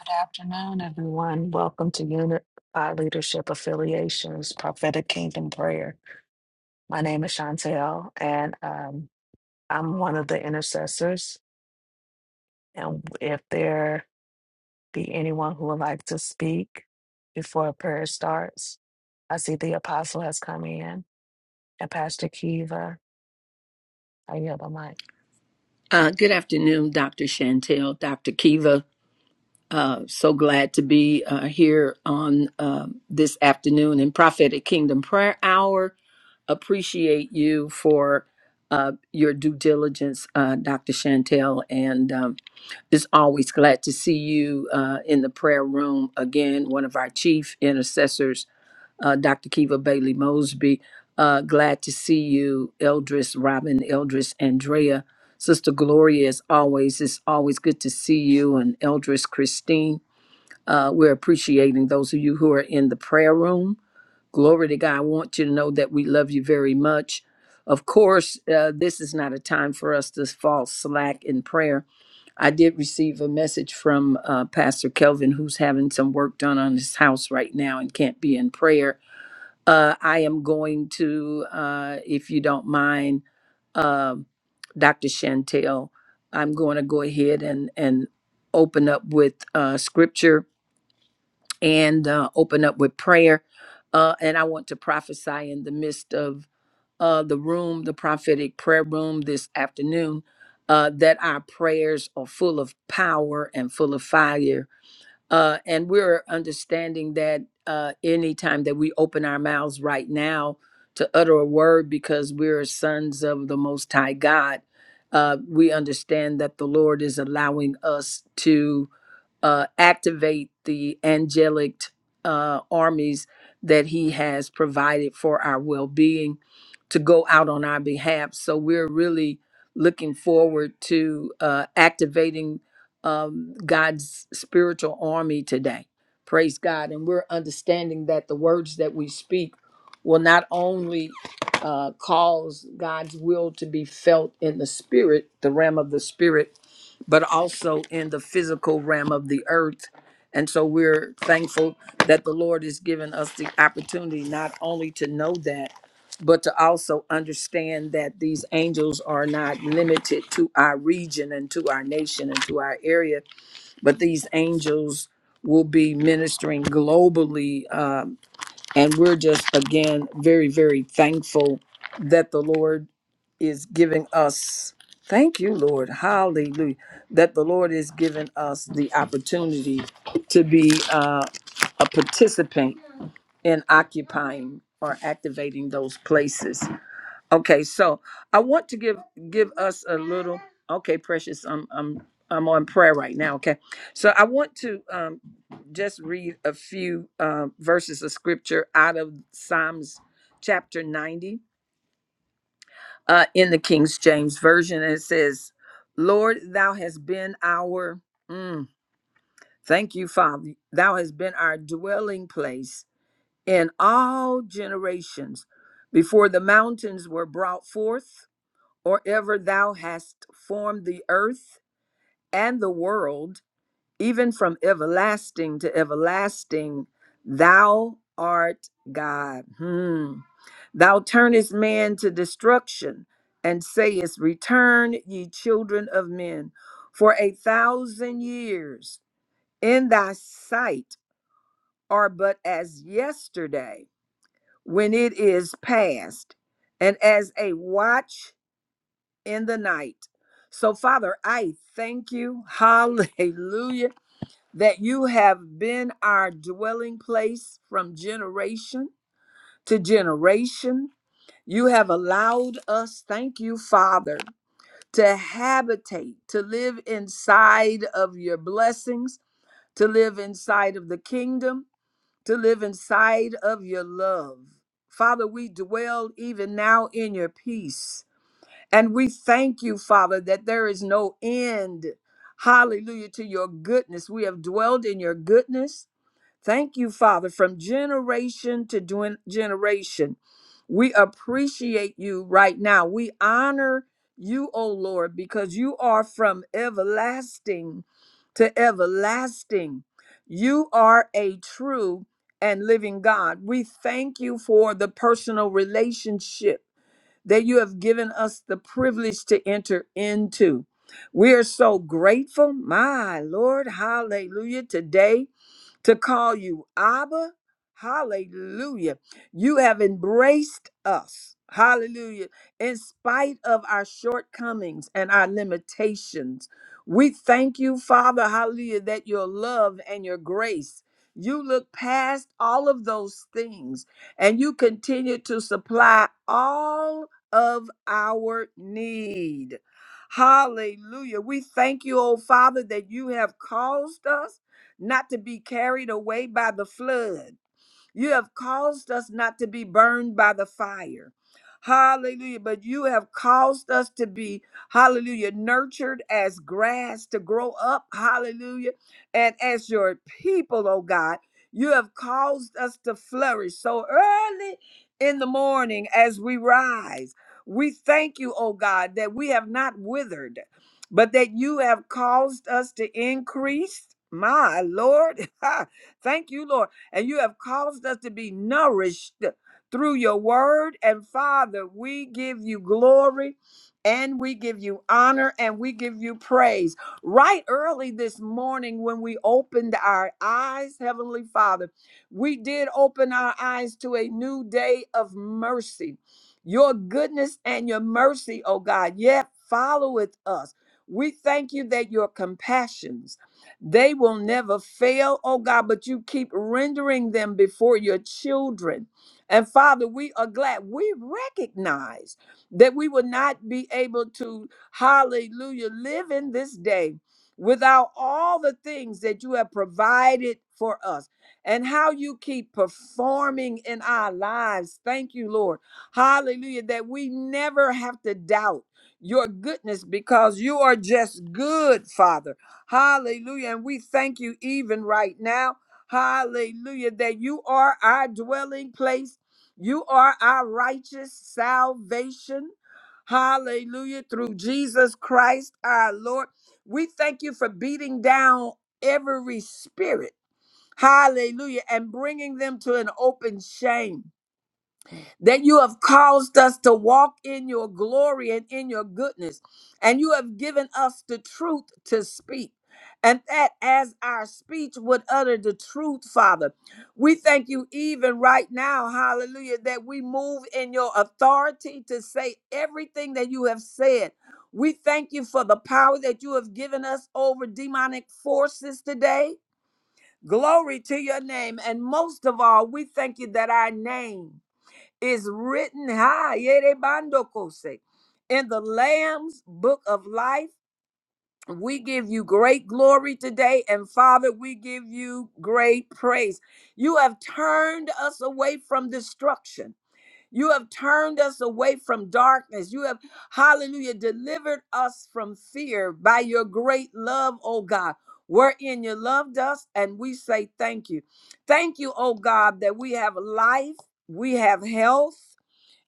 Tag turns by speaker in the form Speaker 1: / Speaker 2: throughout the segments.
Speaker 1: Good afternoon, everyone. Welcome to Unit by Leadership Affiliations Prophetic Kingdom Prayer. My name is Chantel, and um, I'm one of the intercessors. And if there be anyone who would like to speak before prayer starts, I see the apostle has come in and Pastor Kiva. I yield the mic.
Speaker 2: Uh, good afternoon, Dr. Chantel, Dr. Kiva. Uh, so glad to be uh, here on uh, this afternoon in Prophetic Kingdom Prayer Hour. Appreciate you for uh, your due diligence, uh, Dr. Chantel, and um, it's always glad to see you uh, in the prayer room again. One of our chief intercessors uh, Dr. Kiva Bailey Mosby. Uh, glad to see you, Eldris Robin, Eldris Andrea. Sister Gloria, as always, it's always good to see you, and Eldris Christine. Uh, we're appreciating those of you who are in the prayer room. Glory to God. I want you to know that we love you very much. Of course, uh, this is not a time for us to fall slack in prayer. I did receive a message from uh, Pastor Kelvin, who's having some work done on his house right now and can't be in prayer uh, I am going to, uh, if you don't mind, um, Dr. Chantel, I'm going to go ahead and, and open up with uh, scripture and uh, open up with prayer. Uh, and I want to prophesy in the midst of uh, the room, the prophetic prayer room this afternoon, uh, that our prayers are full of power and full of fire uh, and we're understanding that uh, anytime that we open our mouths right now to utter a word because we're sons of the Most High God, uh, we understand that the Lord is allowing us to uh, activate the angelic uh, armies that He has provided for our well being to go out on our behalf. So we're really looking forward to uh, activating um, God's spiritual army today. Praise God. And we're understanding that the words that we speak will not only uh, cause God's will to be felt in the spirit, the realm of the spirit, but also in the physical realm of the earth. And so we're thankful that the Lord has given us the opportunity not only to know that, but to also understand that these angels are not limited to our region and to our nation and to our area, but these angels will be ministering globally uh, and we're just, again, very, very thankful that the Lord is giving us, thank you, Lord, hallelujah, that the Lord is giving us the opportunity to be uh, a participant in occupying or activating those places. Okay, so I want to give give us a little. Okay, precious, I'm I'm I'm on prayer right now. Okay, so I want to um, just read a few uh, verses of scripture out of Psalms chapter 90 uh, in the King James version, and it says, "Lord, Thou hast been our mm, thank you, Father. Thou hast been our dwelling place in all generations, before the mountains were brought forth." or ever thou hast formed the earth and the world, even from everlasting to everlasting, thou art God. Hmm. Thou turnest man to destruction and sayest, Return, ye children of men, for a thousand years in thy sight are but as yesterday when it is past, and as a watch in the night. So, Father, I thank you, hallelujah, that you have been our dwelling place from generation to generation. You have allowed us, thank you, Father, to habitate, to live inside of your blessings, to live inside of the kingdom, to live inside of your love. Father, we dwell even now in your peace. And we thank you, Father, that there is no end, hallelujah, to your goodness. We have dwelled in your goodness. Thank you, Father, from generation to gen- generation. We appreciate you right now. We honor you, O Lord, because you are from everlasting to everlasting. You are a true and living God. We thank you for the personal relationship that you have given us the privilege to enter into. We are so grateful, my Lord, hallelujah, today to call you Abba. Hallelujah. You have embraced us. Hallelujah. In spite of our shortcomings and our limitations, we thank you, Father. Hallelujah, that your love and your grace. You look past all of those things and you continue to supply all of our need. Hallelujah. We thank you, oh Father, that you have caused us not to be carried away by the flood. You have caused us not to be burned by the fire. Hallelujah. But you have caused us to be, hallelujah, nurtured as grass to grow up. Hallelujah. And as your people, oh God, you have caused us to flourish. So early in the morning as we rise, we thank you, oh God, that we have not withered, but that you have caused us to increase. My Lord, thank you, Lord and you have caused us to be nourished through your word. And Father, we give you glory and we give you honor and we give you praise. Right early this morning, when we opened our eyes, Heavenly Father, we did open our eyes to a new day of mercy. Your goodness and your mercy, oh God, yet followeth us. We thank you that your compassions they will never fail, oh God, but you keep rendering them before your children. And Father, we are glad we recognize that we will not be able to, hallelujah, live in this day without all the things that you have provided for us and how you keep performing in our lives. Thank you, Lord. Hallelujah, that we never have to doubt your goodness because you are just good, Father. Hallelujah. And we thank you even right now. Hallelujah. That you are our dwelling place. You are our righteous salvation. Hallelujah. Through Jesus Christ our Lord. We thank you for beating down every spirit. Hallelujah. And bringing them to an open shame that you have caused us to walk in your glory and in your goodness. And you have given us the truth to speak. And that as our speech would utter the truth, Father. We thank you even right now, hallelujah, that we move in your authority to say everything that you have said. We thank you for the power that you have given us over demonic forces today. Glory to your name. And most of all, we thank you that our name is written high yerebandokose, in the Lamb's book of life. We give you great glory today, and Father, we give you great praise. You have turned us away from destruction. You have turned us away from darkness. You have, hallelujah, delivered us from fear by your great love, oh God, wherein you loved us, and we say thank you. Thank you, oh God, that we have life, we have health,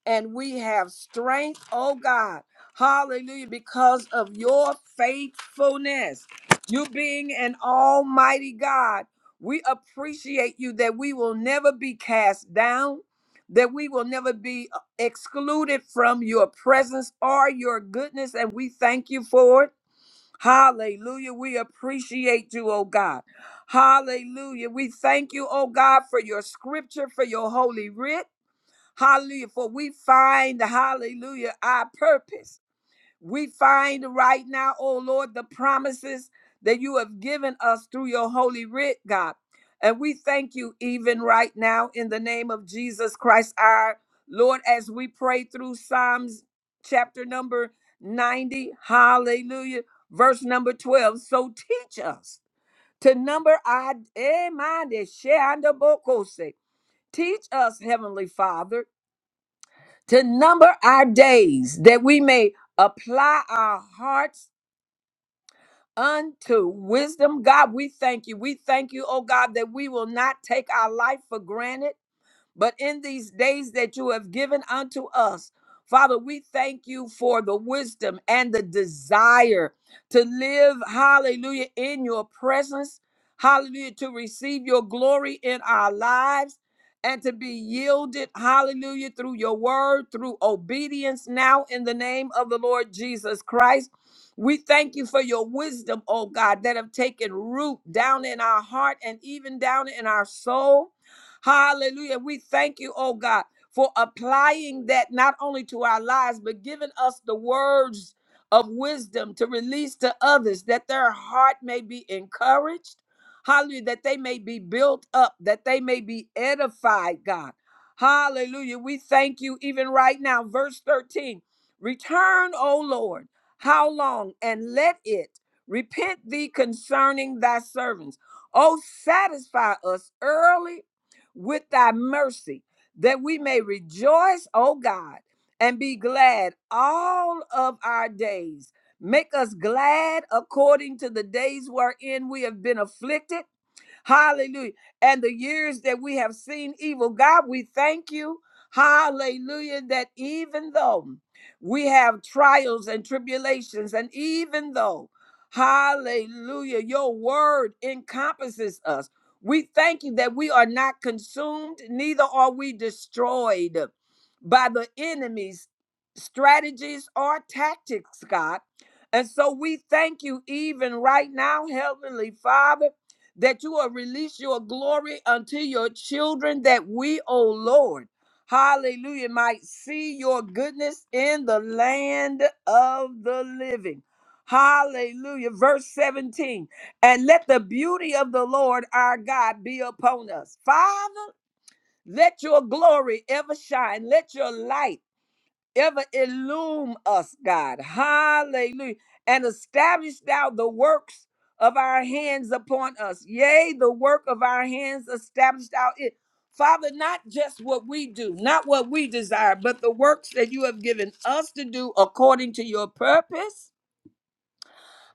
Speaker 2: and we have strength, oh God. Hallelujah, because of your faithfulness. You being an almighty God, we appreciate you that we will never be cast down, that we will never be uh, excluded from your presence or your goodness, and we thank you for it. Hallelujah. We appreciate you, oh God. Hallelujah. We thank you, oh God, for your scripture, for your holy writ. Hallelujah. For we find, hallelujah, our purpose. We find right now, oh Lord, the promises that you have given us through your holy writ, God. And we thank you even right now in the name of Jesus Christ, our Lord, as we pray through Psalms chapter number 90, hallelujah, verse number 12. So teach us to number our, eh, mind is share under Bokose. teach us, Heavenly Father to number our days that we may apply our hearts unto wisdom. God, we thank you. We thank you, oh God, that we will not take our life for granted. But in these days that you have given unto us, Father, we thank you for the wisdom and the desire to live, hallelujah, in your presence, hallelujah, to receive your glory in our lives and to be yielded, hallelujah, through your word, through obedience now in the name of the Lord Jesus Christ. We thank you for your wisdom, oh God, that have taken root down in our heart and even down in our soul. Hallelujah. We thank you, oh God, for applying that not only to our lives, but giving us the words of wisdom to release to others that their heart may be encouraged. Hallelujah. That they may be built up, that they may be edified, God. Hallelujah. We thank you even right now. Verse 13 Return, O Lord, how long? And let it repent thee concerning thy servants. Oh, satisfy us early with thy mercy, that we may rejoice, O God, and be glad all of our days. Make us glad according to the days wherein we have been afflicted Hallelujah. And the years that we have seen evil, God, we thank you. Hallelujah. That even though we have trials and tribulations, and even though, hallelujah, your word encompasses us, we thank you that we are not consumed, neither are we destroyed by the enemy's strategies or tactics, God. And so we thank you even right now, Heavenly Father that you will release your glory unto your children, that we, O Lord, hallelujah, might see your goodness in the land of the living. Hallelujah. Verse 17. And let the beauty of the Lord our God be upon us. Father, let your glory ever shine. Let your light ever illume us, God. Hallelujah. And establish thou the works of our hands upon us. Yea, the work of our hands established out it. Father, not just what we do, not what we desire, but the works that you have given us to do according to your purpose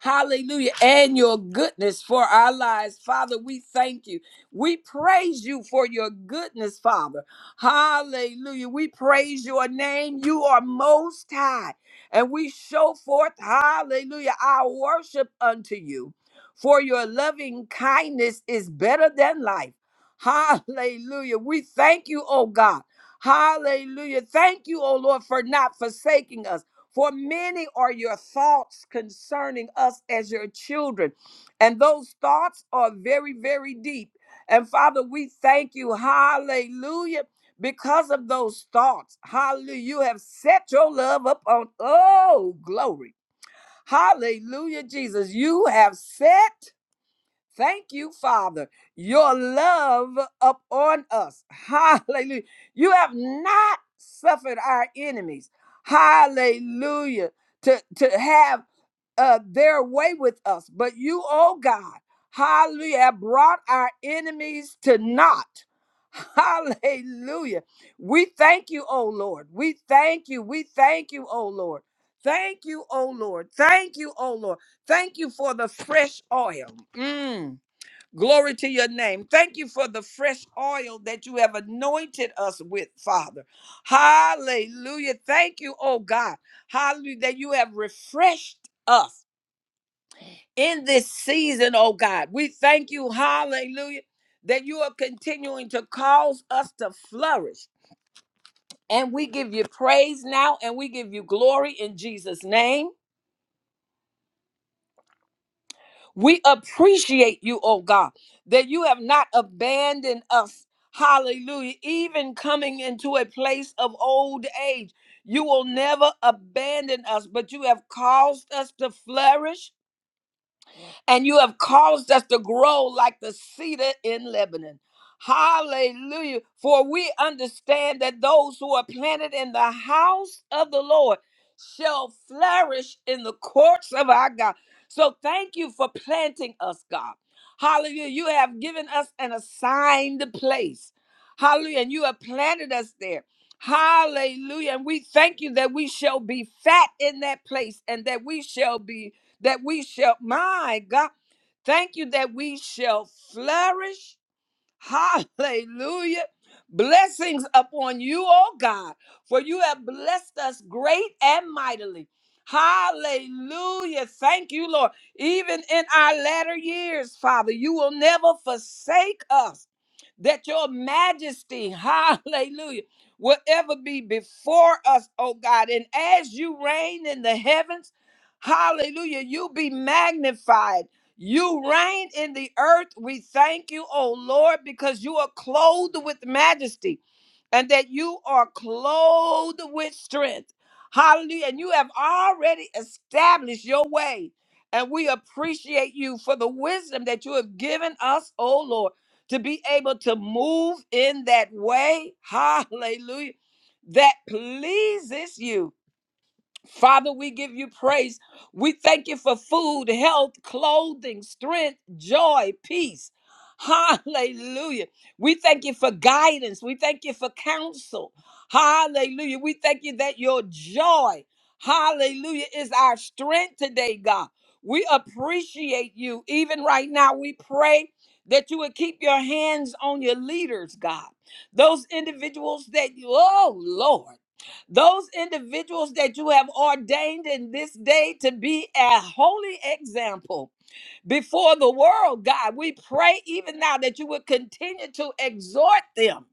Speaker 2: Hallelujah. And your goodness for our lives. Father, we thank you. We praise you for your goodness, Father. Hallelujah. We praise your name. You are most high. And we show forth, hallelujah, our worship unto you. For your loving kindness is better than life. Hallelujah. We thank you, oh God. Hallelujah. Thank you, oh Lord, for not forsaking us. For many are your thoughts concerning us as your children. And those thoughts are very, very deep. And Father, we thank you. Hallelujah. Because of those thoughts, hallelujah, you have set your love upon, oh, glory. Hallelujah, Jesus. You have set Thank you, Father, your love upon us. Hallelujah. You have not suffered our enemies. Hallelujah. To, to have uh, their way with us. But you, oh God, hallelujah, have brought our enemies to naught. Hallelujah. We thank you, oh Lord. We thank you. We thank you, oh Lord. Thank you, oh Lord. Thank you, oh Lord. Thank you for the fresh oil. Mm, glory to your name. Thank you for the fresh oil that you have anointed us with, Father. Hallelujah. Thank you, oh God. Hallelujah, that you have refreshed us in this season, oh God. We thank you, hallelujah, that you are continuing to cause us to flourish. And we give you praise now and we give you glory in Jesus' name. We appreciate you, oh God, that you have not abandoned us. Hallelujah. Even coming into a place of old age, you will never abandon us, but you have caused us to flourish and you have caused us to grow like the cedar in Lebanon. Hallelujah. For we understand that those who are planted in the house of the Lord shall flourish in the courts of our God. So thank you for planting us, God. Hallelujah. You have given us an assigned place. Hallelujah. And you have planted us there. Hallelujah. And we thank you that we shall be fat in that place and that we shall be that we shall, my God, thank you that we shall flourish Hallelujah. Blessings upon you, oh God, for you have blessed us great and mightily. Hallelujah. Thank you, Lord. Even in our latter years, Father, you will never forsake us. That your majesty, hallelujah, will ever be before us, oh God. And as you reign in the heavens, hallelujah, you be magnified. You reign in the earth. We thank you, O Lord, because you are clothed with majesty and that you are clothed with strength. Hallelujah. And you have already established your way. And we appreciate you for the wisdom that you have given us, O Lord, to be able to move in that way. Hallelujah. That pleases you. Father, we give you praise. We thank you for food, health, clothing, strength, joy, peace. Hallelujah. We thank you for guidance. We thank you for counsel. Hallelujah. We thank you that your joy, hallelujah, is our strength today, God. We appreciate you. Even right now, we pray that you would keep your hands on your leaders, God. Those individuals that you, oh Lord. Those individuals that you have ordained in this day to be a holy example before the world, God. We pray even now that you would continue to exhort them.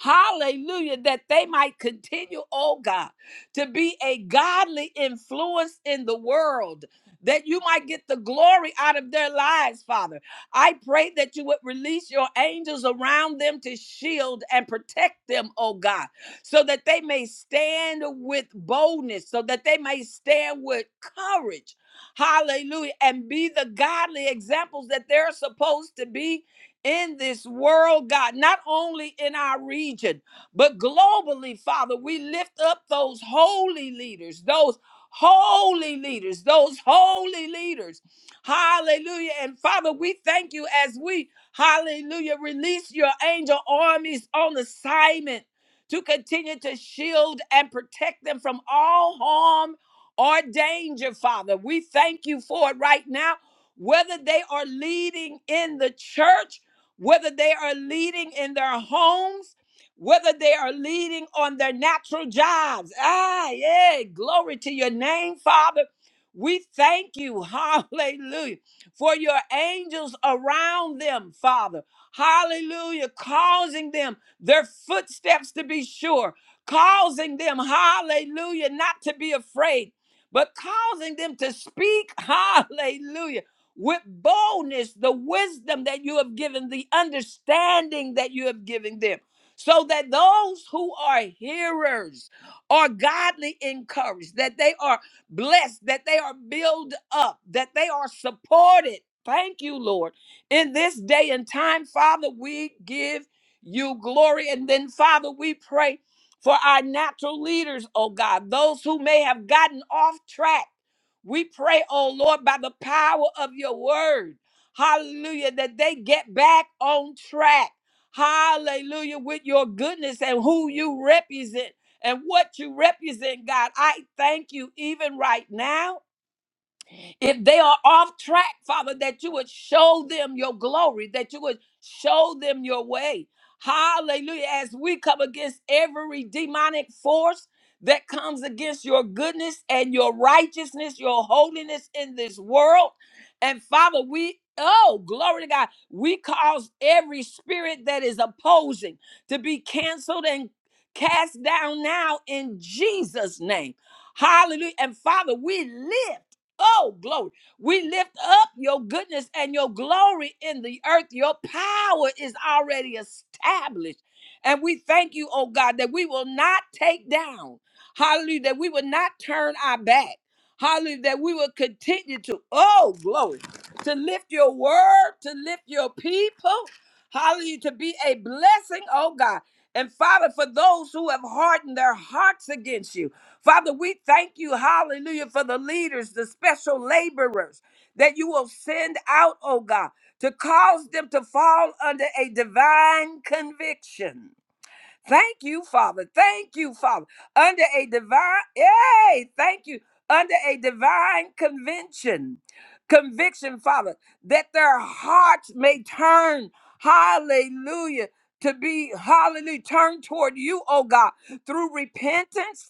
Speaker 2: Hallelujah, that they might continue, oh God, to be a godly influence in the world, that you might get the glory out of their lives, Father. I pray that you would release your angels around them to shield and protect them, oh God, so that they may stand with boldness, so that they may stand with courage Hallelujah. And be the godly examples that they're supposed to be in this world, God, not only in our region, but globally, Father. We lift up those holy leaders, those holy leaders, those holy leaders. Hallelujah. And Father, we thank you as we, hallelujah, release your angel armies on assignment to continue to shield and protect them from all harm or danger, Father. We thank you for it right now, whether they are leading in the church, whether they are leading in their homes, whether they are leading on their natural jobs. Ah, yeah. Glory to your name, Father. We thank you, hallelujah, for your angels around them, Father. Hallelujah, causing them their footsteps to be sure, causing them, hallelujah, not to be afraid, but causing them to speak, hallelujah, with boldness, the wisdom that you have given, the understanding that you have given them, so that those who are hearers are godly encouraged, that they are blessed, that they are built up, that they are supported. Thank you, Lord. In this day and time, Father, we give you glory. And then, Father, we pray for our natural leaders, oh God, those who may have gotten off track. We pray, oh Lord, by the power of your word, hallelujah, that they get back on track, hallelujah, with your goodness and who you represent and what you represent, God. I thank you even right now. If they are off track, Father, that you would show them your glory, that you would show them your way. Hallelujah. As we come against every demonic force that comes against your goodness and your righteousness, your holiness in this world. And Father, we, oh, glory to God, we cause every spirit that is opposing to be canceled and cast down now in Jesus' name. Hallelujah. And Father, we live. Oh, glory. We lift up your goodness and your glory in the earth. Your power is already established. And we thank you, oh God, that we will not take down. Hallelujah. That we will not turn our back. Hallelujah. That we will continue to, oh, glory, to lift your word, to lift your people. Hallelujah. To be a blessing, oh God. And Father, for those who have hardened their hearts against you. Father, we thank you, hallelujah, for the leaders, the special laborers that you will send out, oh God, to cause them to fall under a divine conviction. Thank you, Father. Thank you, Father. Under a divine, yay, thank you. Under a divine convention, conviction, Father, that their hearts may turn, hallelujah, to be, hallelujah, turned toward you, oh God, through repentance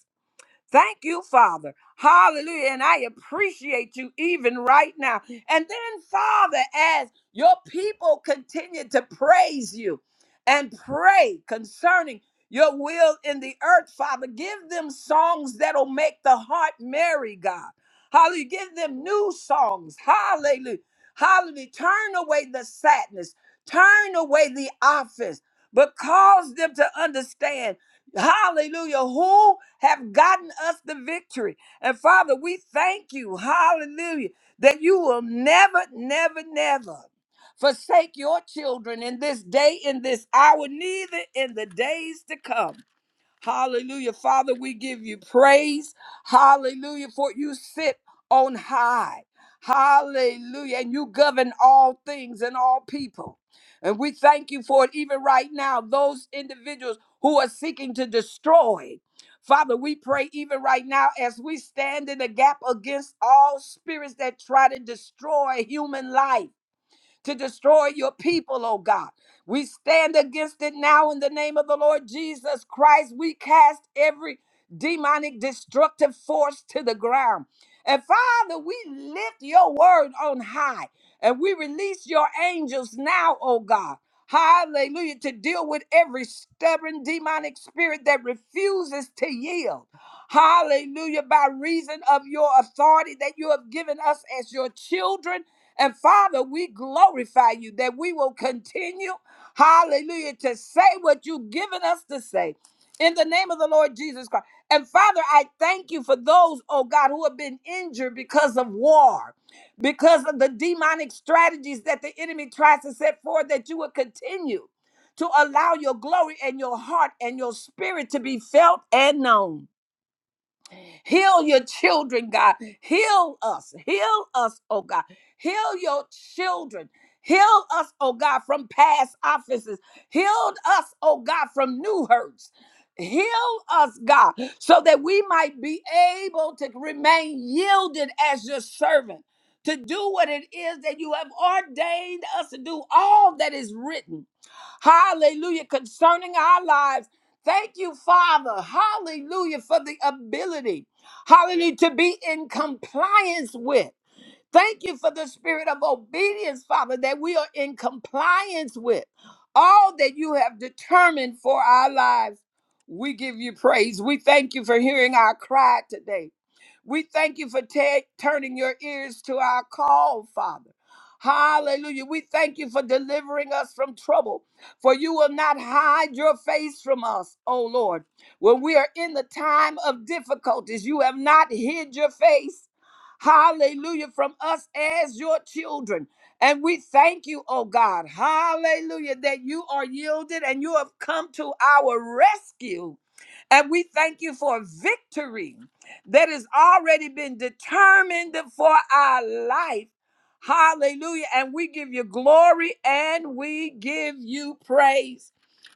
Speaker 2: Thank you, Father. Hallelujah. And I appreciate you even right now. And then, Father, as your people continue to praise you and pray concerning your will in the earth, Father, give them songs that'll make the heart merry, God. Hallelujah. Give them new songs. Hallelujah. Hallelujah. Turn away the sadness, turn away the offense, but cause them to understand. Hallelujah. Who have gotten us the victory. And Father, we thank you. Hallelujah. That you will never, never, never forsake your children in this day, in this hour, neither in the days to come. Hallelujah. Father, we give you praise. Hallelujah. For you sit on high. Hallelujah. And you govern all things and all people. And we thank you for it even right now. Those individuals who are seeking to destroy. Father, we pray even right now as we stand in the gap against all spirits that try to destroy human life to destroy your people, oh God. We stand against it now in the name of the Lord Jesus Christ. We cast every demonic destructive force to the ground. And Father, we lift your word on high and we release your angels now, oh God. Hallelujah, to deal with every stubborn demonic spirit that refuses to yield. Hallelujah, by reason of your authority that you have given us as your children. And Father, we glorify you that we will continue, hallelujah, to say what you've given us to say in the name of the Lord Jesus Christ. And Father, I thank you for those, oh God, who have been injured because of war, because of the demonic strategies that the enemy tries to set forth, that you will continue to allow your glory and your heart and your spirit to be felt and known. Heal your children, God. Heal us. Heal us, oh God. Heal your children. Heal us, oh God, from past offenses. Heal us, oh God, from new hurts. Heal us, God, so that we might be able to remain yielded as your servant, to do what it is that you have ordained us to do, all that is written. Hallelujah, concerning our lives. Thank you, Father. Hallelujah, for the ability hallelujah, to be in compliance with. Thank you for the spirit of obedience, Father, that we are in compliance with all that you have determined for our lives. We give you praise. We thank you for hearing our cry today. We thank you for ta- turning your ears to our call, Father. Hallelujah. We thank you for delivering us from trouble, for you will not hide your face from us, O Lord. When we are in the time of difficulties, you have not hid your face. Hallelujah from us as your children. And we thank you, oh God. Hallelujah that you are yielded and you have come to our rescue. And we thank you for victory that has already been determined for our life. Hallelujah. And we give you glory and we give you praise.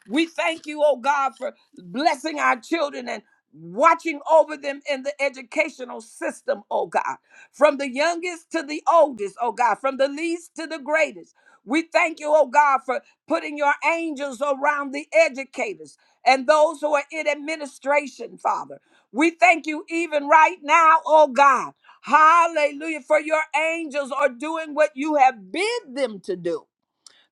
Speaker 2: We thank you, oh God, for blessing our children and watching over them in the educational system, oh God, from the youngest to the oldest, oh God, from the least to the greatest. We thank you, oh God, for putting your angels around the educators and those who are in administration, Father. We thank you even right now, oh God. Hallelujah. For your angels are doing what you have bid them to do.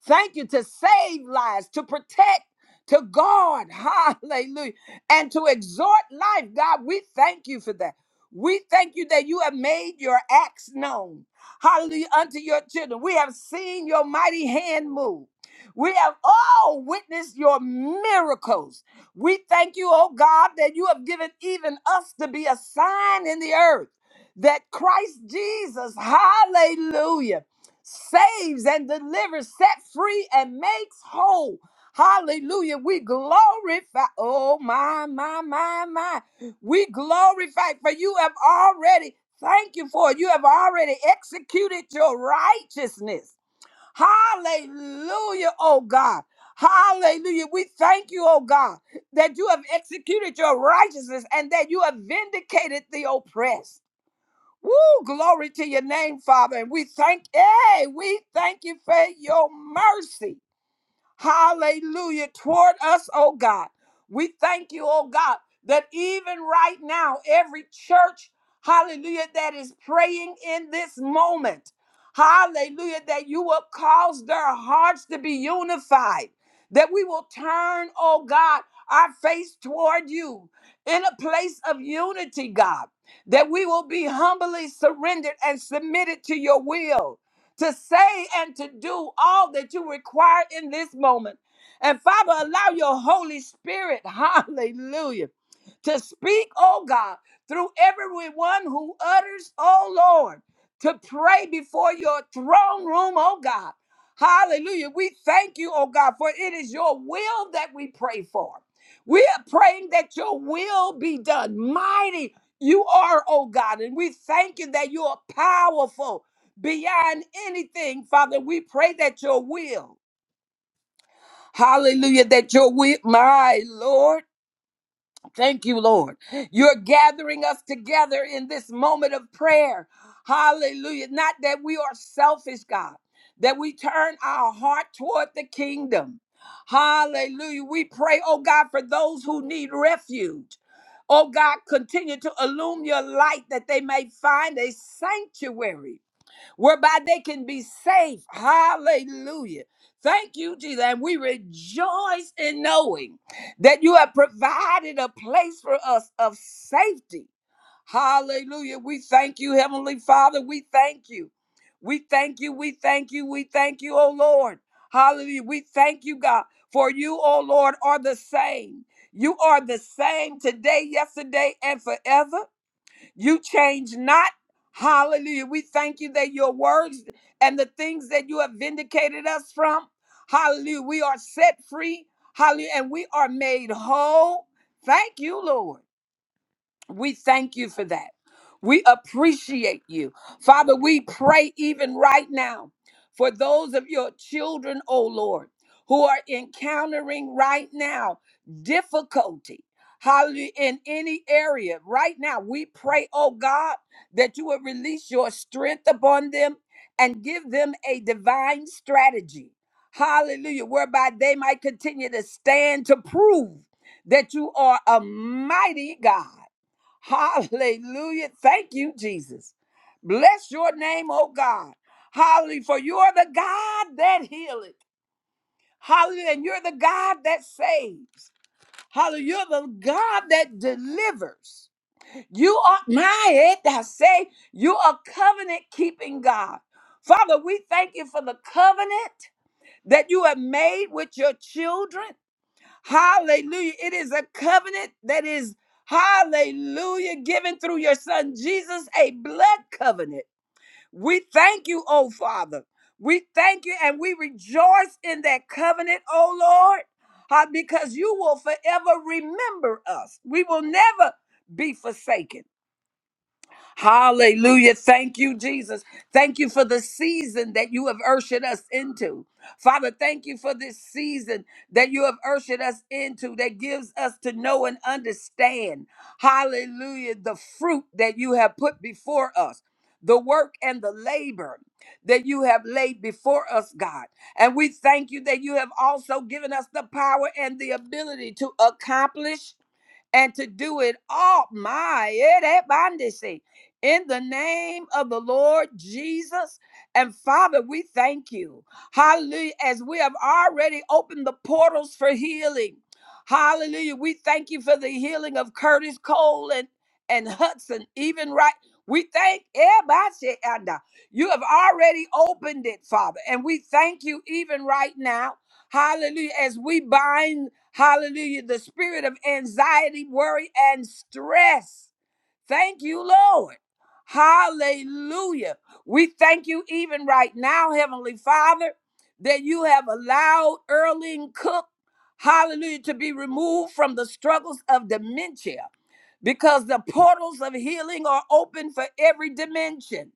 Speaker 2: Thank you to save lives, to protect, to guard. Hallelujah. And to exhort life. God, we thank you for that. We thank you that you have made your acts known. Hallelujah. Unto your children. We have seen your mighty hand move. We have all witnessed your miracles. We thank you, oh God, that you have given even us to be a sign in the earth that Christ Jesus, hallelujah saves and delivers, set free and makes whole. Hallelujah. We glorify. Oh, my, my, my, my. We glorify for you have already, thank you for it. You have already executed your righteousness. Hallelujah, oh God. Hallelujah. We thank you, oh God, that you have executed your righteousness and that you have vindicated the oppressed. Woo, glory to your name, Father. And we thank, hey, we thank you for your mercy. Hallelujah. Toward us, oh God. We thank you, oh God, that even right now, every church, hallelujah, that is praying in this moment, hallelujah, that you will cause their hearts to be unified, that we will turn, oh God, our face toward you in a place of unity, God, that we will be humbly surrendered and submitted to your will to say and to do all that you require in this moment. And Father, allow your Holy Spirit, hallelujah, to speak, oh God, through everyone who utters, oh Lord, to pray before your throne room, oh God. Hallelujah. We thank you, oh God, for it is your will that we pray for. We are praying that your will be done. Mighty you are, oh God, and we thank you that you are powerful beyond anything, Father. We pray that your will, hallelujah, that your will, my Lord, thank you, Lord. You're gathering us together in this moment of prayer, hallelujah. Not that we are selfish, God, that we turn our heart toward the kingdom. Hallelujah. We pray, oh God, for those who need refuge. Oh God, continue to illume your light that they may find a sanctuary whereby they can be safe. Hallelujah. Thank you, Jesus. And we rejoice in knowing that you have provided a place for us of safety. Hallelujah. We thank you, Heavenly Father. We thank you. We thank you. We thank you. We thank you, oh Lord. Hallelujah. We thank you, God, for you, oh Lord, are the same. You are the same today, yesterday, and forever. You change not. Hallelujah. We thank you that your words and the things that you have vindicated us from. Hallelujah. We are set free. Hallelujah. And we are made whole. Thank you, Lord. We thank you for that. We appreciate you. Father, we pray even right now for those of your children, oh Lord, who are encountering right now difficulty. Hallelujah. In any area right now, we pray, oh God, that you will release your strength upon them and give them a divine strategy. Hallelujah. Whereby they might continue to stand to prove that you are a mighty God Hallelujah. Thank you, Jesus. Bless your name, oh God. Hallelujah. For you are the God that healeth. Hallelujah. And you're the God that saves. Hallelujah. You're the God that delivers. You are my head. I say you are covenant keeping God. Father, we thank you for the covenant that you have made with your children. Hallelujah. It is a covenant that is, hallelujah, given through your son Jesus, a blood covenant. We thank you, oh Father. We thank you and we rejoice in that covenant, oh Lord, uh, because you will forever remember us. We will never be forsaken. Hallelujah. Thank you, Jesus. Thank you for the season that you have ushered us into. Father, thank you for this season that you have ushered us into that gives us to know and understand, hallelujah, the fruit that you have put before us, the work and the labor that you have laid before us, God. And we thank you that you have also given us the power and the ability to accomplish and to do it all. My eh, that bondage. in the name of the Lord Jesus. And Father, we thank you. Hallelujah. As we have already opened the portals for healing. Hallelujah. We thank you for the healing of Curtis Cole and, and Hudson, even right. We thank everybody. and, uh, You have already opened it, Father. And we thank you even right now. Hallelujah. As we bind Hallelujah. The spirit of anxiety, worry, and stress. Thank you, Lord. Hallelujah. We thank you even right now, Heavenly Father, that you have allowed Erling Cook, hallelujah, to be removed from the struggles of dementia because the portals of healing are open for every dimension.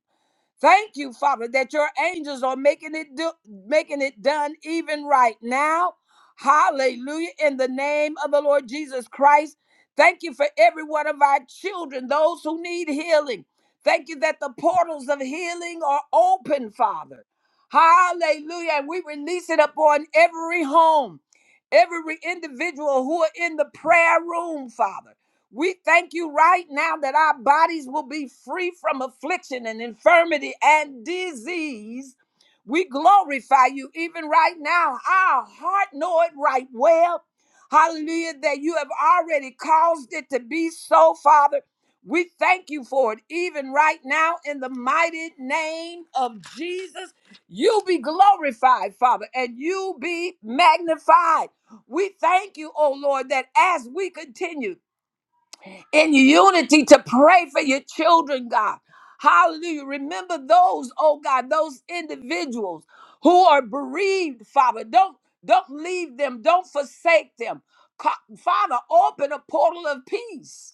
Speaker 2: Thank you, Father, that your angels are making it do, making it done even right now. Hallelujah. In the name of the Lord Jesus Christ. Thank you for every one of our children, those who need healing. Thank you that the portals of healing are open, Father. Hallelujah. And we release it upon every home, every individual who are in the prayer room, Father. We thank you right now that our bodies will be free from affliction and infirmity and disease. We glorify you even right now. Our heart know it right well. Hallelujah, that you have already caused it to be so, Father. We thank you for it even right now in the mighty name of Jesus. You be glorified, Father, and you be magnified. We thank you, oh Lord, that as we continue in unity to pray for your children, God. Hallelujah. Remember those, oh God, those individuals who are bereaved, Father. Don't don't leave them. Don't forsake them. Co- Father, open a portal of peace.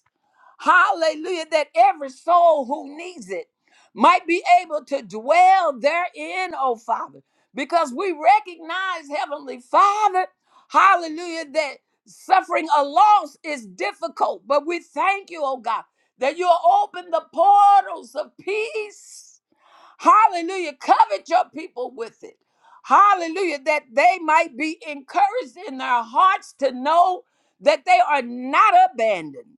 Speaker 2: Hallelujah. That every soul who needs it might be able to dwell therein, oh Father. Because we recognize, Heavenly Father, hallelujah, that suffering a loss is difficult. But we thank you, oh God, that you'll open the portals of peace. Hallelujah. Covet your people with it. Hallelujah. That they might be encouraged in their hearts to know that they are not abandoned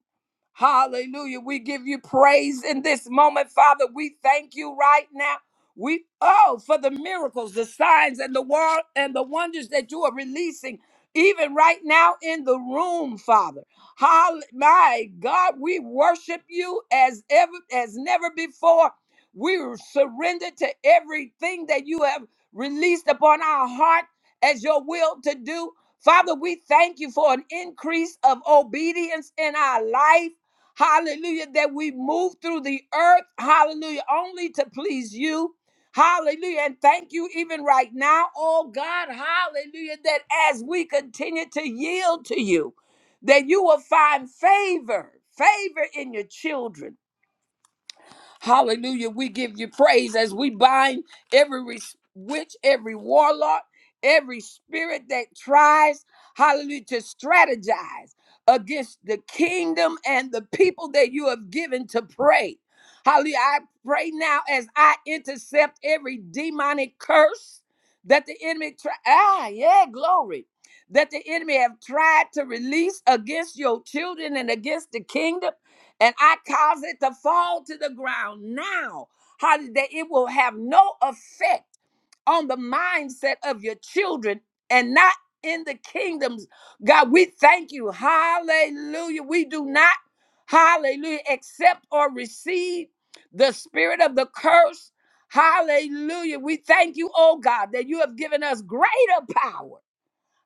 Speaker 2: Hallelujah. We give you praise in this moment, Father. We thank you right now. We oh for the miracles, the signs, and the war and the wonders that you are releasing, even right now in the room, Father. Hall- my God, we worship you as ever as never before. We surrender to everything that you have released upon our heart as your will to do. Father, we thank you for an increase of obedience in our life. Hallelujah. That we move through the earth. Hallelujah. Only to please you. Hallelujah. And thank you even right now, oh God. Hallelujah. That as we continue to yield to you, that you will find favor, favor in your children Hallelujah. We give you praise as we bind every res- witch, every warlock, every spirit that tries, hallelujah, to strategize against the kingdom and the people that you have given to pray. Hallelujah. I pray now as I intercept every demonic curse that the enemy try ah yeah glory that the enemy have tried to release against your children and against the kingdom and I cause it to fall to the ground now, how that it will have no effect on the mindset of your children and not in the kingdoms. God, we thank you. Hallelujah. We do not, hallelujah, accept or receive the spirit of the curse. Hallelujah. We thank you, oh God, that you have given us greater power.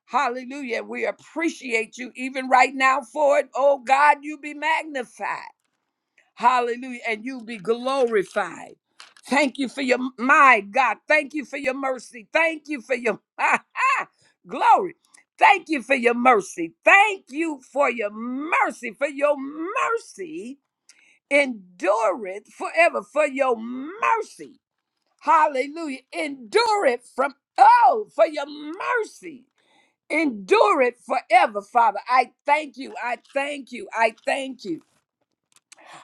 Speaker 2: Hallelujah. We appreciate you even right now for it. Oh God, you be magnified. Hallelujah. And you be glorified. Thank you for your, my God. Thank you for your mercy. Thank you for your glory. Thank you for your mercy. Thank you for your mercy. For your mercy endureth forever. For your mercy. Hallelujah. Endure it from, oh, for your mercy. Endure it forever, Father. I thank you. I thank you. I thank you.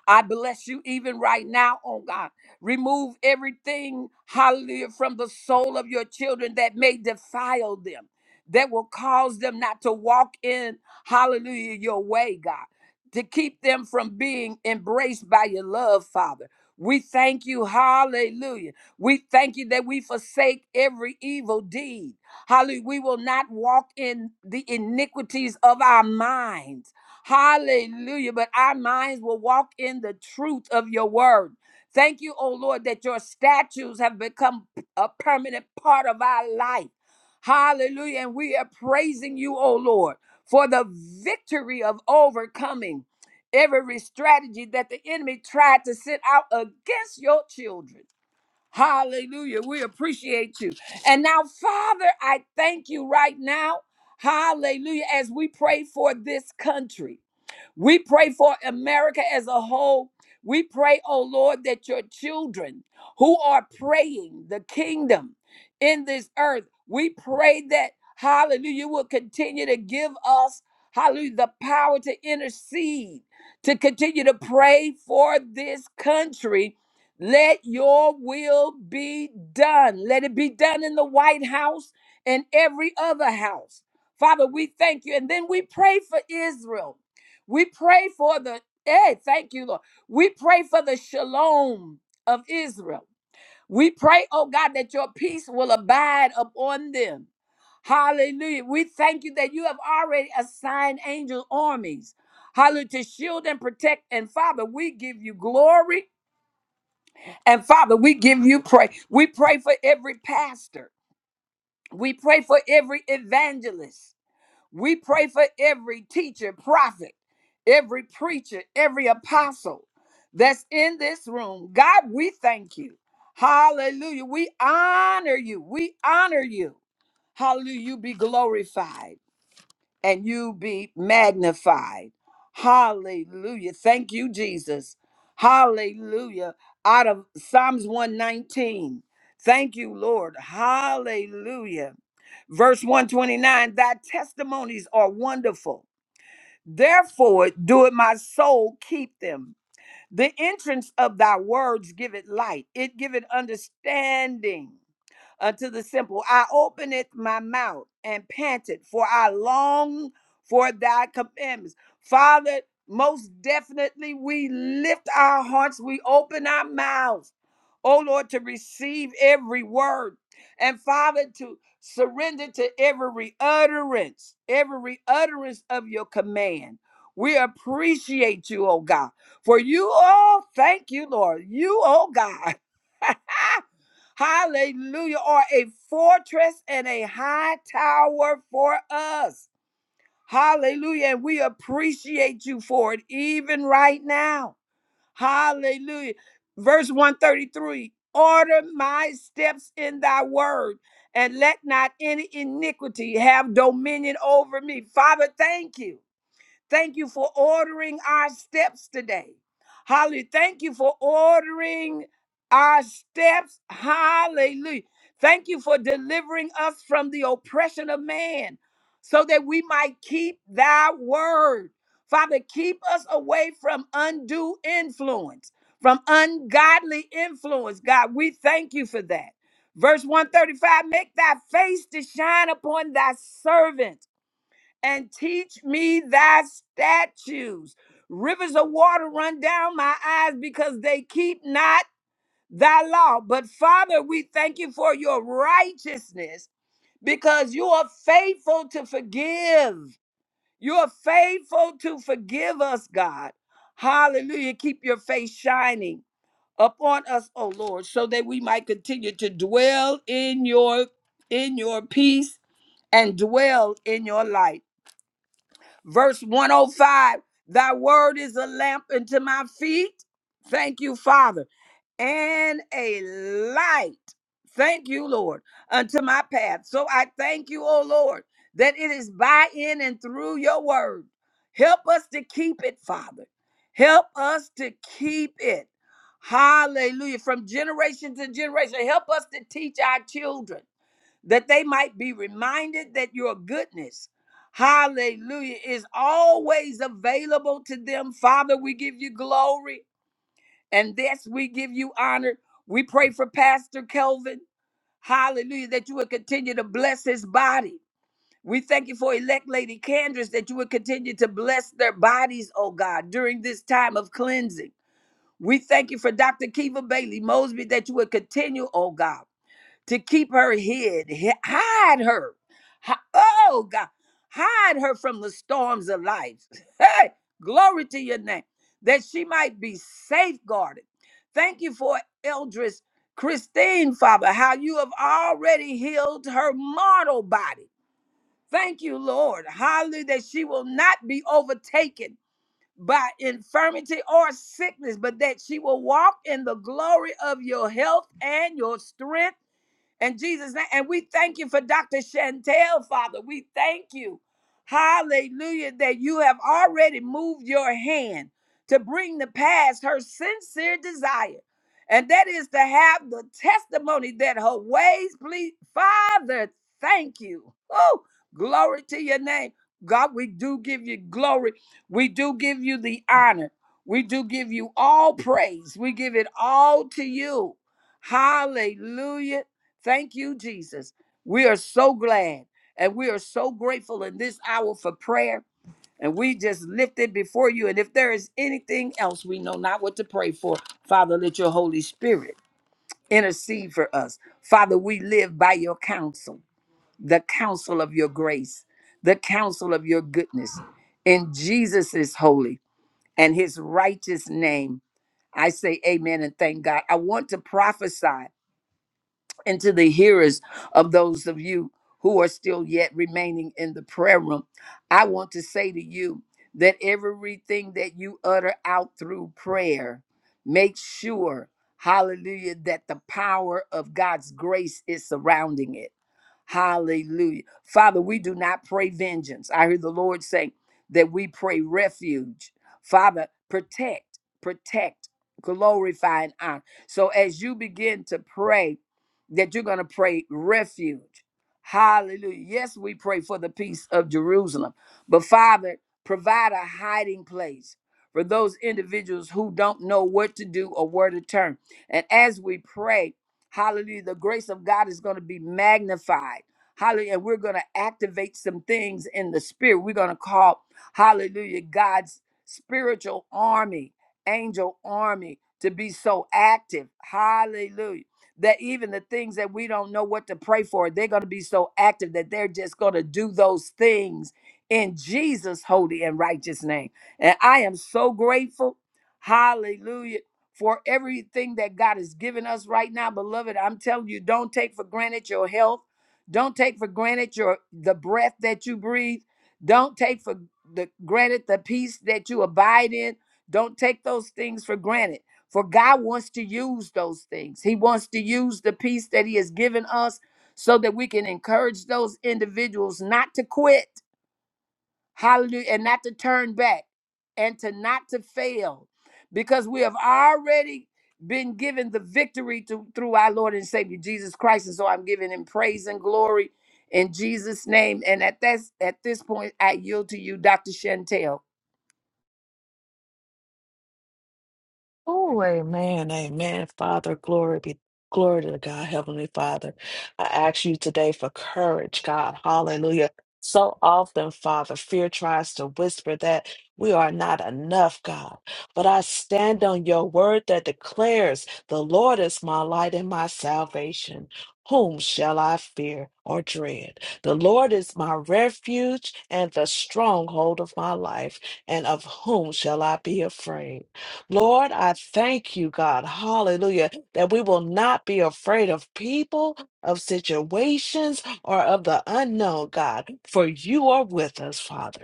Speaker 2: I bless you even right now, oh God. Remove everything, hallelujah, from the soul of your children that may defile them, that will cause them not to walk in, hallelujah, your way, God, to keep them from being embraced by your love, Father. We thank you, hallelujah. We thank you that we forsake every evil deed. Hallelujah. We will not walk in the iniquities of our minds. Hallelujah. But our minds will walk in the truth of your word. Thank you, oh Lord, that your statutes have become a permanent part of our life. Hallelujah. And we are praising you, oh Lord, for the victory of overcoming every strategy that the enemy tried to set out against your children. Hallelujah. We appreciate you. And now, Father, I thank you right now. Hallelujah. As we pray for this country. We pray for America as a whole. We pray, oh Lord, that your children who are praying the kingdom in this earth, we pray that, hallelujah, you will continue to give us, hallelujah, the power to intercede, to continue to pray for this country. Let your will be done. Let it be done in the White House and every other house. Father, we thank you. And then we pray for Israel. We pray for the, hey, thank you, Lord. We pray for the shalom of Israel. We pray, oh God, that your peace will abide upon them. Hallelujah. We thank you that you have already assigned angel armies. Hallelujah. To shield and protect. And Father, we give you glory. And Father, we give you praise. We pray for every pastor. We pray for every evangelist. We pray for every teacher, prophet, every preacher, every apostle that's in this room. God, we thank you. Hallelujah. We honor you. We honor you. Hallelujah. You be glorified and you be magnified. Hallelujah. Thank you, Jesus. Hallelujah. Out of Psalms 119. Thank you, Lord. Hallelujah. Verse 129 Thy testimonies are wonderful. Therefore, do it, my soul, keep them. The entrance of thy words give it light, it give it understanding unto the simple. I openeth my mouth and panted, for I long for thy commandments. Father, most definitely we lift our hearts, we open our mouths, oh Lord, to receive every word. And Father, to surrender to every utterance, every utterance of your command. We appreciate you, oh God. For you all, thank you, Lord. You, oh God. Hallelujah. Are a fortress and a high tower for us. Hallelujah. And we appreciate you for it even right now. Hallelujah. Verse 133 Order my steps in thy word, and let not any iniquity have dominion over me. Father, thank you. Thank you for ordering our steps today. Hallelujah. Thank you for ordering our steps. Hallelujah. Thank you for delivering us from the oppression of man so that we might keep thy word. Father, keep us away from undue influence, from ungodly influence. God, we thank you for that. Verse 135 Make thy face to shine upon thy servant and teach me thy statutes. Rivers of water run down my eyes because they keep not thy law. But Father, we thank you for your righteousness because you are faithful to forgive. You are faithful to forgive us, God. Hallelujah. Keep your face shining upon us, O Lord, so that we might continue to dwell in your in your peace and dwell in your light verse 105 thy word is a lamp unto my feet thank you father and a light thank you lord unto my path so i thank you O lord that it is by in and through your word help us to keep it father help us to keep it hallelujah from generation to generation help us to teach our children that they might be reminded that your goodness, hallelujah, is always available to them. Father, we give you glory and this we give you honor. We pray for Pastor Kelvin, hallelujah, that you would continue to bless his body. We thank you for elect Lady Candace that you would continue to bless their bodies, oh God, during this time of cleansing. We thank you for Dr. Kiva Bailey Mosby that you would continue, oh God to keep her hid, hi- hide her. Hi- Oh God, hide her from the storms of life. Hey, glory to your name, that she might be safeguarded. Thank you for Eldris Christine, Father, how you have already healed her mortal body. Thank you, Lord. Hallelujah, that she will not be overtaken by infirmity or sickness, but that she will walk in the glory of your health and your strength in Jesus' name. And we thank you for Dr. Chantel, Father. We thank you. Hallelujah. That you have already moved your hand to bring to pass her sincere desire. And that is to have the testimony that her ways please. Father, thank you. Oh, glory to your name. God, we do give you glory. We do give you the honor. We do give you all praise. We give it all to you. Hallelujah. Thank you, Jesus. We are so glad and we are so grateful in this hour for prayer. And we just lift it before you. And if there is anything else we know not what to pray for, Father, let your Holy Spirit intercede for us. Father, we live by your counsel, the counsel of your grace, the counsel of your goodness. In Jesus' holy and his righteous name, I say amen and thank God. I want to prophesy and to the hearers of those of you who are still yet remaining in the prayer room, I want to say to you that everything that you utter out through prayer, make sure, hallelujah, that the power of God's grace is surrounding it. Hallelujah. Father, we do not pray vengeance. I heard the Lord say that we pray refuge. Father, protect, protect, glorify, and honor. So as you begin to pray, that you're going to pray refuge. Hallelujah. Yes, we pray for the peace of Jerusalem. But Father, provide a hiding place for those individuals who don't know what to do or where to turn. And as we pray, hallelujah, the grace of God is going to be magnified. Hallelujah. And we're going to activate some things in the spirit. We're going to call, hallelujah, God's spiritual army, angel army to be so active. Hallelujah that even the things that we don't know what to pray for, they're going to be so active that they're just going to do those things in Jesus' holy and righteous name. And I am so grateful. Hallelujah. For everything that God has given us right now, beloved, I'm telling you, don't take for granted your health. Don't take for granted your the breath that you breathe. Don't take for the granted the peace that you abide in. Don't take those things for granted. For God wants to use those things. He wants to use the peace that He has given us so that we can encourage those individuals not to quit, hallelujah, and not to turn back and to not to fail because we have already been given the victory to, through our Lord and Savior Jesus Christ. And so I'm giving Him praise and glory in Jesus' name. And at this, at this point, I yield to you, Dr. Chantel.
Speaker 1: Oh, amen, amen. Father, glory be glory to God, Heavenly Father. I ask you today for courage, God. Hallelujah. So often, Father, fear tries to whisper that we are not enough, God. But I stand on your word that declares, The Lord is my light and my salvation. Whom shall I fear or dread? The Lord is my refuge and the stronghold of my life, and of whom shall I be afraid? Lord, I thank you, God, hallelujah, that we will not be afraid of people, of situations, or of the unknown, God, for you are with us, Father.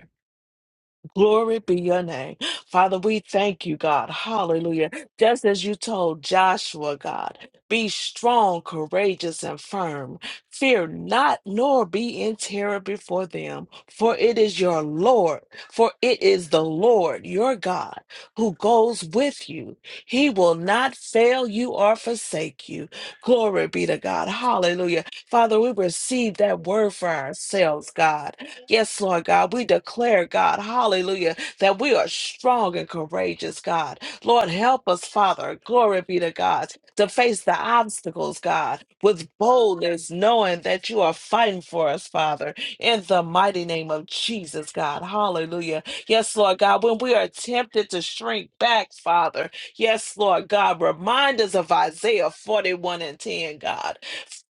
Speaker 1: Glory be your name. Father, we thank you, God. Hallelujah. Just as you told Joshua, God, be strong, courageous, and firm. Fear not, nor be in terror before them, for it is your Lord, for it is the Lord, your God, who goes with you. He will not fail you or forsake you. Glory be to God. Hallelujah. Father, we receive that word for ourselves, God. Yes, Lord God, we declare, God, hallelujah, that we are strong and courageous, God. Lord, help us, Father, glory be to God, to face the obstacles, God, with boldness, knowing that you are fighting for us, Father, in the mighty name of Jesus, God, hallelujah. Yes, Lord God, when we are tempted to shrink back, Father, yes, Lord God, remind us of Isaiah 41 and 10, God.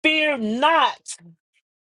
Speaker 1: Fear not.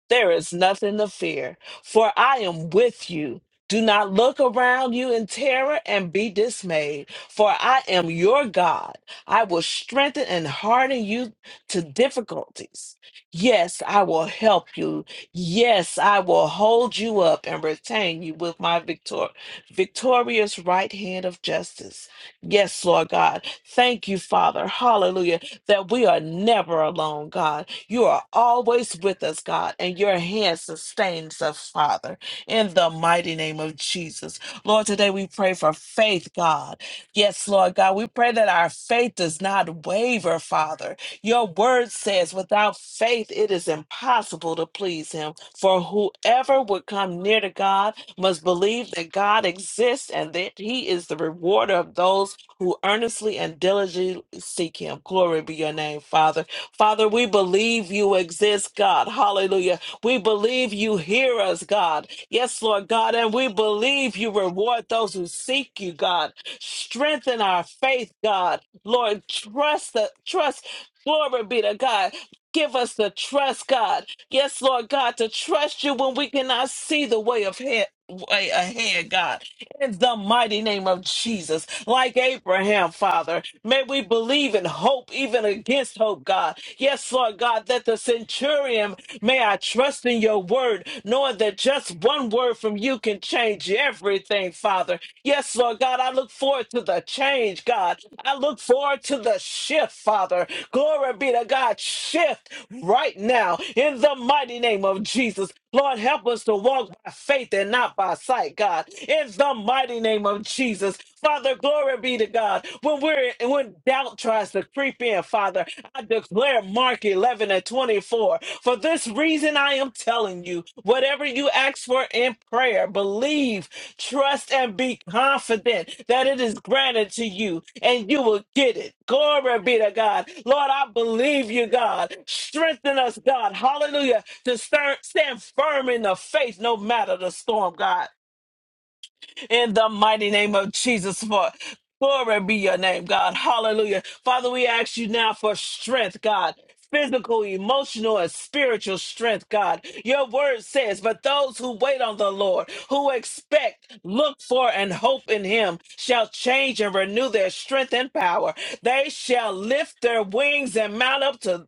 Speaker 1: There is nothing to fear, for I am with you. Do not look around you in terror and be dismayed, for I am your God. I will strengthen and harden you to difficulties. Yes, I will help you. Yes, I will hold you up and retain you with my victor- victorious right hand of justice. Yes, Lord God. Thank you, Father. Hallelujah. That we are never alone, God you are always with us, God, and your hand sustains us, Father, in the mighty name of Jesus. Lord, today we pray for faith, God. Yes, Lord God, we pray that our faith does not waver, Father. Your word says, without faith, it is impossible to please Him. For whoever would come near to God must believe that God exists and that He is the rewarder of those who earnestly and diligently seek Him. Glory be your name, Father. Father, we believe you exist, God. Hallelujah. We believe you hear us, God. Yes, Lord God. And we believe you reward those who seek you, God. Strengthen our faith, God. Lord, trust the trust. Glory be to God. Give us the trust, God. Yes, Lord God, to trust you when we cannot see the way of head. Way ahead, God, in the mighty name of Jesus, like Abraham, Father, may we believe in hope, even against hope, God. Yes, Lord God, that the centurion may I trust in your word, knowing that just one word from you can change everything, Father. Yes, Lord God, I look forward to the change, God. I look forward to the shift, Father. Glory be to God. Shift right now in the mighty name of Jesus. Lord, help us to walk by faith and not by sight, God. In the mighty name of Jesus. Father, glory be to God. When we're when doubt tries to creep in, Father, I declare Mark 11 and 24. For this reason, I am telling you whatever you ask for in prayer, believe, trust, and be confident that it is granted to you and you will get it. Glory be to God. Lord, I believe you, God. Strengthen us, God. Hallelujah. To stir- stand firm in the faith no matter the storm, God in the mighty name of Jesus. For glory be your name, God. Hallelujah. Father, we ask you now for strength, God. Physical, emotional, and spiritual strength, God. Your word says, but those who wait on the Lord, who expect, look for, and hope in Him, shall change and renew their strength and power. They shall lift their wings and mount up to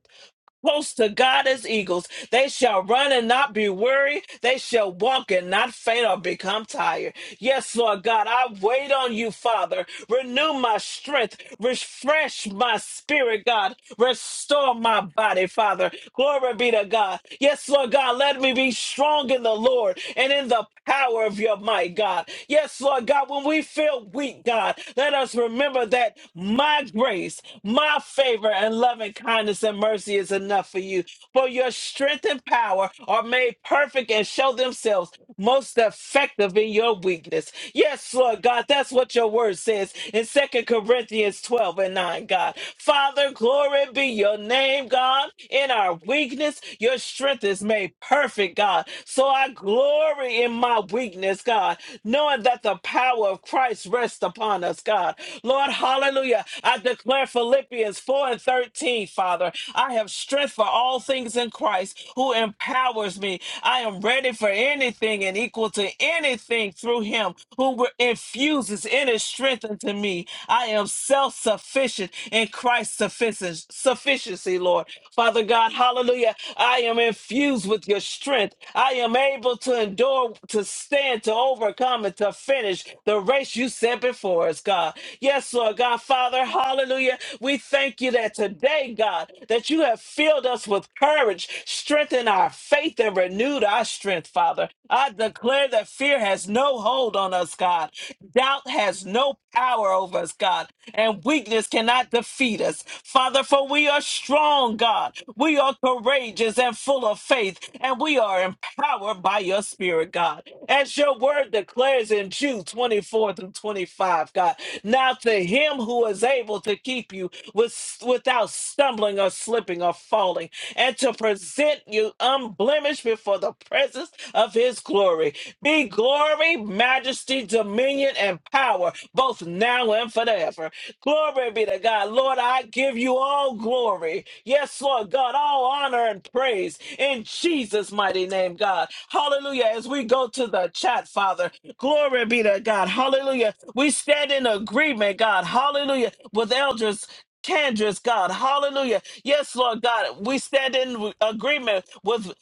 Speaker 1: Close to God as eagles, they shall run and not be weary. They shall walk and not faint or become tired. Yes, Lord God, I wait on you, Father. Renew my strength, refresh my spirit, God. Restore my body, Father. Glory be to God. Yes, Lord God, let me be strong in the Lord and in the power of your might, God. Yes, Lord God, when we feel weak, God, let us remember that my grace, my favor, and and loving kindness and mercy is enough for you. For your strength and power are made perfect and show themselves most effective in your weakness. Yes, Lord God, that's what your word says in Second Corinthians 12 and 9, God. Father, glory be your name, God. In our weakness, your strength is made perfect, God. So I glory in my weakness, God, knowing that the power of Christ rests upon us, God. Lord, hallelujah. I declare Philippians 4 and 13, Father. I have strength for all things in Christ who empowers me. I am ready for anything and equal to anything through him who re- infuses inner strength into me. I am self sufficient in Christ's sufficien- sufficiency, Lord. Father God, hallelujah. I am infused with your strength. I am able to endure, to stand, to overcome, and to finish the race you set before us, God. Yes, Lord God, Father, hallelujah. We thank you that today, God, that you have filled us with courage, strengthened our faith, and renewed our strength, Father. I declare that fear has no hold on us, God. Doubt has no power over us, God and weakness cannot defeat us. Father, for we are strong, God. We are courageous and full of faith, and we are empowered by your spirit, God. As your word declares in Jude 24 through 25, God. Now to him who is able to keep you with, without stumbling or slipping or falling, and to and present you unblemished before the presence of his glory. Be glory, majesty, dominion, and power, both now and forever. Glory be to God. Lord, I give you all glory. Yes, Lord God, all honor and praise in Jesus' mighty name, God. Hallelujah. As we go to the chat, Father, glory be to God. Hallelujah. We stand in agreement, God. Hallelujah. With elders. Candra's God, hallelujah Yes, Lord God, we stand in agreement with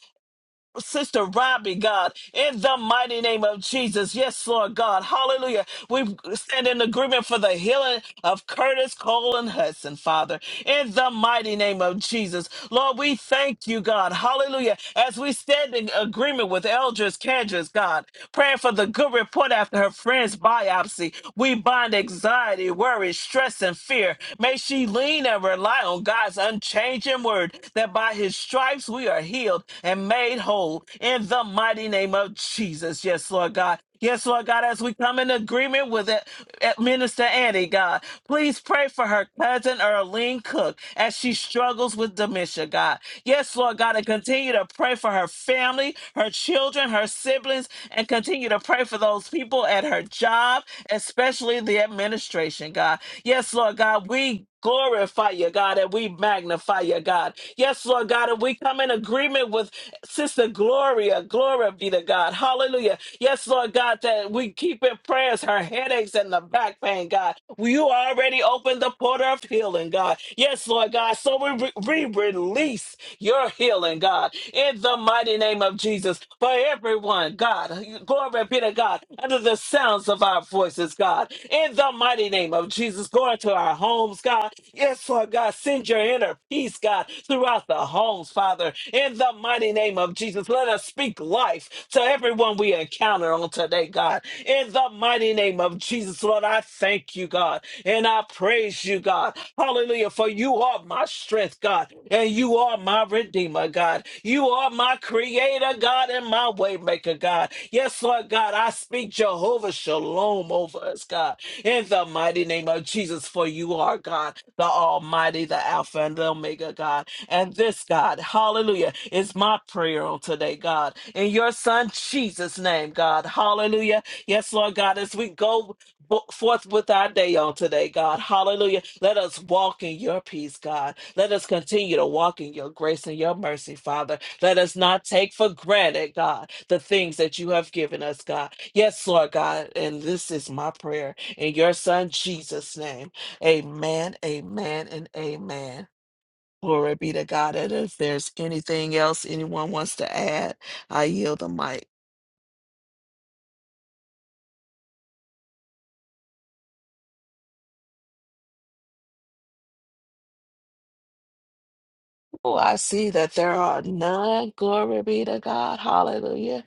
Speaker 1: Sister Robbie, God, in the mighty name of Jesus. Yes, Lord God, hallelujah. We stand in agreement for the healing of Curtis Cole and Hudson, Father, in the mighty name of Jesus. Lord, we thank you, God. Hallelujah. As we stand in agreement with Eldris Candris, God, praying for the good report after her friend's biopsy, we bind anxiety, worry, stress, and fear. May she lean and rely on God's unchanging word that by his stripes we are healed and made whole in the mighty name of Jesus. Yes, Lord God. Lord God. Yes, Lord God, as we come in agreement with it, at Minister Annie, God, please pray for her cousin Earlene Cook as she struggles with dementia, God. Yes, Lord God, and continue to pray for her family, her children, her siblings, and continue to pray for those people at her job, especially the administration, God. Yes, Lord God, we glorify you, God, and we magnify you, God. Yes, Lord God, and we come in agreement with Sister Gloria. Glory be to God. Hallelujah. Yes, Lord God, that we keep in prayers her headaches and the back pain, God. You already opened the portal of healing, God. Yes, Lord God. So we, re- we release your healing, God, in the mighty name mighty name of Jesus for everyone, God. Glory be to God. Under the sounds of our voices, God. In the mighty name of Jesus, go into our homes, God. Yes, Lord God, send your inner peace, God, throughout the homes, Father. In the mighty name of Jesus, let us speak life to everyone we encounter on today, God. In the mighty name of Jesus, Jesus, Lord, I thank you, God, and I praise you, God. Hallelujah, for you are my strength, God, and you are my redeemer, God. You are my creator, God, and my waymaker, God. Yes, Lord God, I speak Jehovah Shalom over us, God, in the mighty name of Jesus, for you are God, the Almighty, the Alpha and the Omega, God. And this, God, hallelujah, is my prayer on today, God. In your Son, Jesus' name, God, hallelujah. Yes, Lord God, as we go fo- forth with our day on today, God. Hallelujah. Let us walk in your peace, God. Let us continue to walk in your grace and your mercy, Father. Let us not take for granted, God, the things that you have given us, God. Yes, Lord God. And this is my prayer in your Son, Jesus' name. Amen, amen, and amen. Glory be to God. And if there's anything else anyone wants to add, I yield the mic. Oh, I see that there are none. Glory be to God. Hallelujah.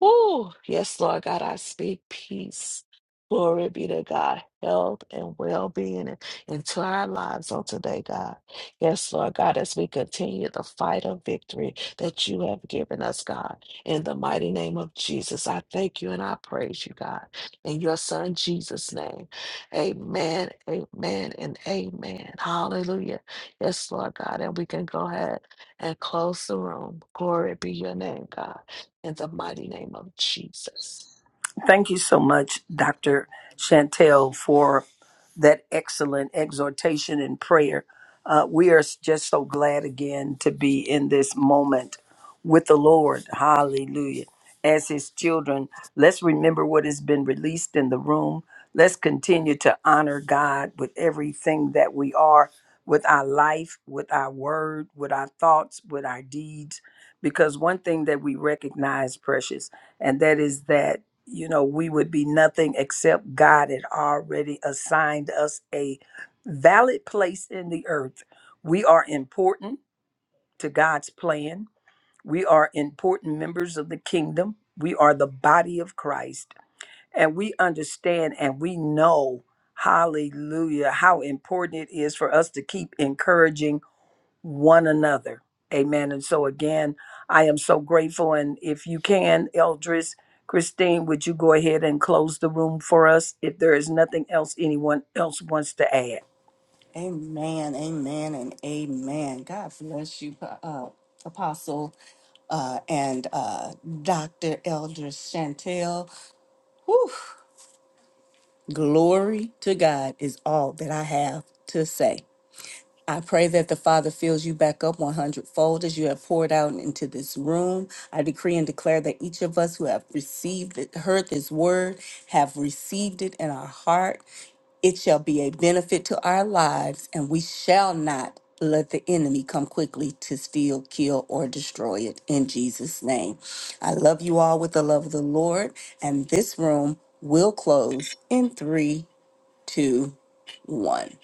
Speaker 1: Woo! Yes, Lord God, I speak peace. Glory be to God, health and well being into our lives on today, God. Yes, Lord God, as we continue the fight of victory that you have given us, God. In the mighty name of Jesus, I thank you and I praise you, God. In your Son, Jesus' name. Amen, amen, and amen. Hallelujah. Yes, Lord God, and we can go ahead and close the room. Glory be your name, God in the mighty name of Jesus.
Speaker 2: Thank you so much, Dr. Chantel, for that excellent exhortation and prayer. Uh, we are just so glad again to be in this moment with the Lord. Hallelujah. As His children, let's remember what has been released in the room. Let's continue to honor God with everything that we are, with our life, with our word, with our thoughts, with our deeds. Because one thing that we recognize, precious, and that is that you know, we would be nothing except God had already assigned us a valid place in the earth. We are important to God's plan. We are important members of the kingdom. We are the body of Christ. And we understand and we know, hallelujah, how important it is for us to keep encouraging one another. Amen. And so, again, I am so grateful. And if you can, Eldris, Christine, would you go ahead and close the room for us if there is nothing else anyone else wants to add?
Speaker 3: Amen, amen, and amen. God bless you, uh, Apostle uh, and uh, Dr. Elder Chantel. Whew, glory to God is all that I have to say. I pray that the Father fills you back up 100 fold as you have poured out into this room. I decree and declare that each of us who have received it, heard this word, have received it in our heart. It shall be a benefit to our lives, and we shall not let the enemy come quickly to steal, kill, or destroy it in Jesus' name. I love you all with the love of the Lord, and this room will close in three, two, one.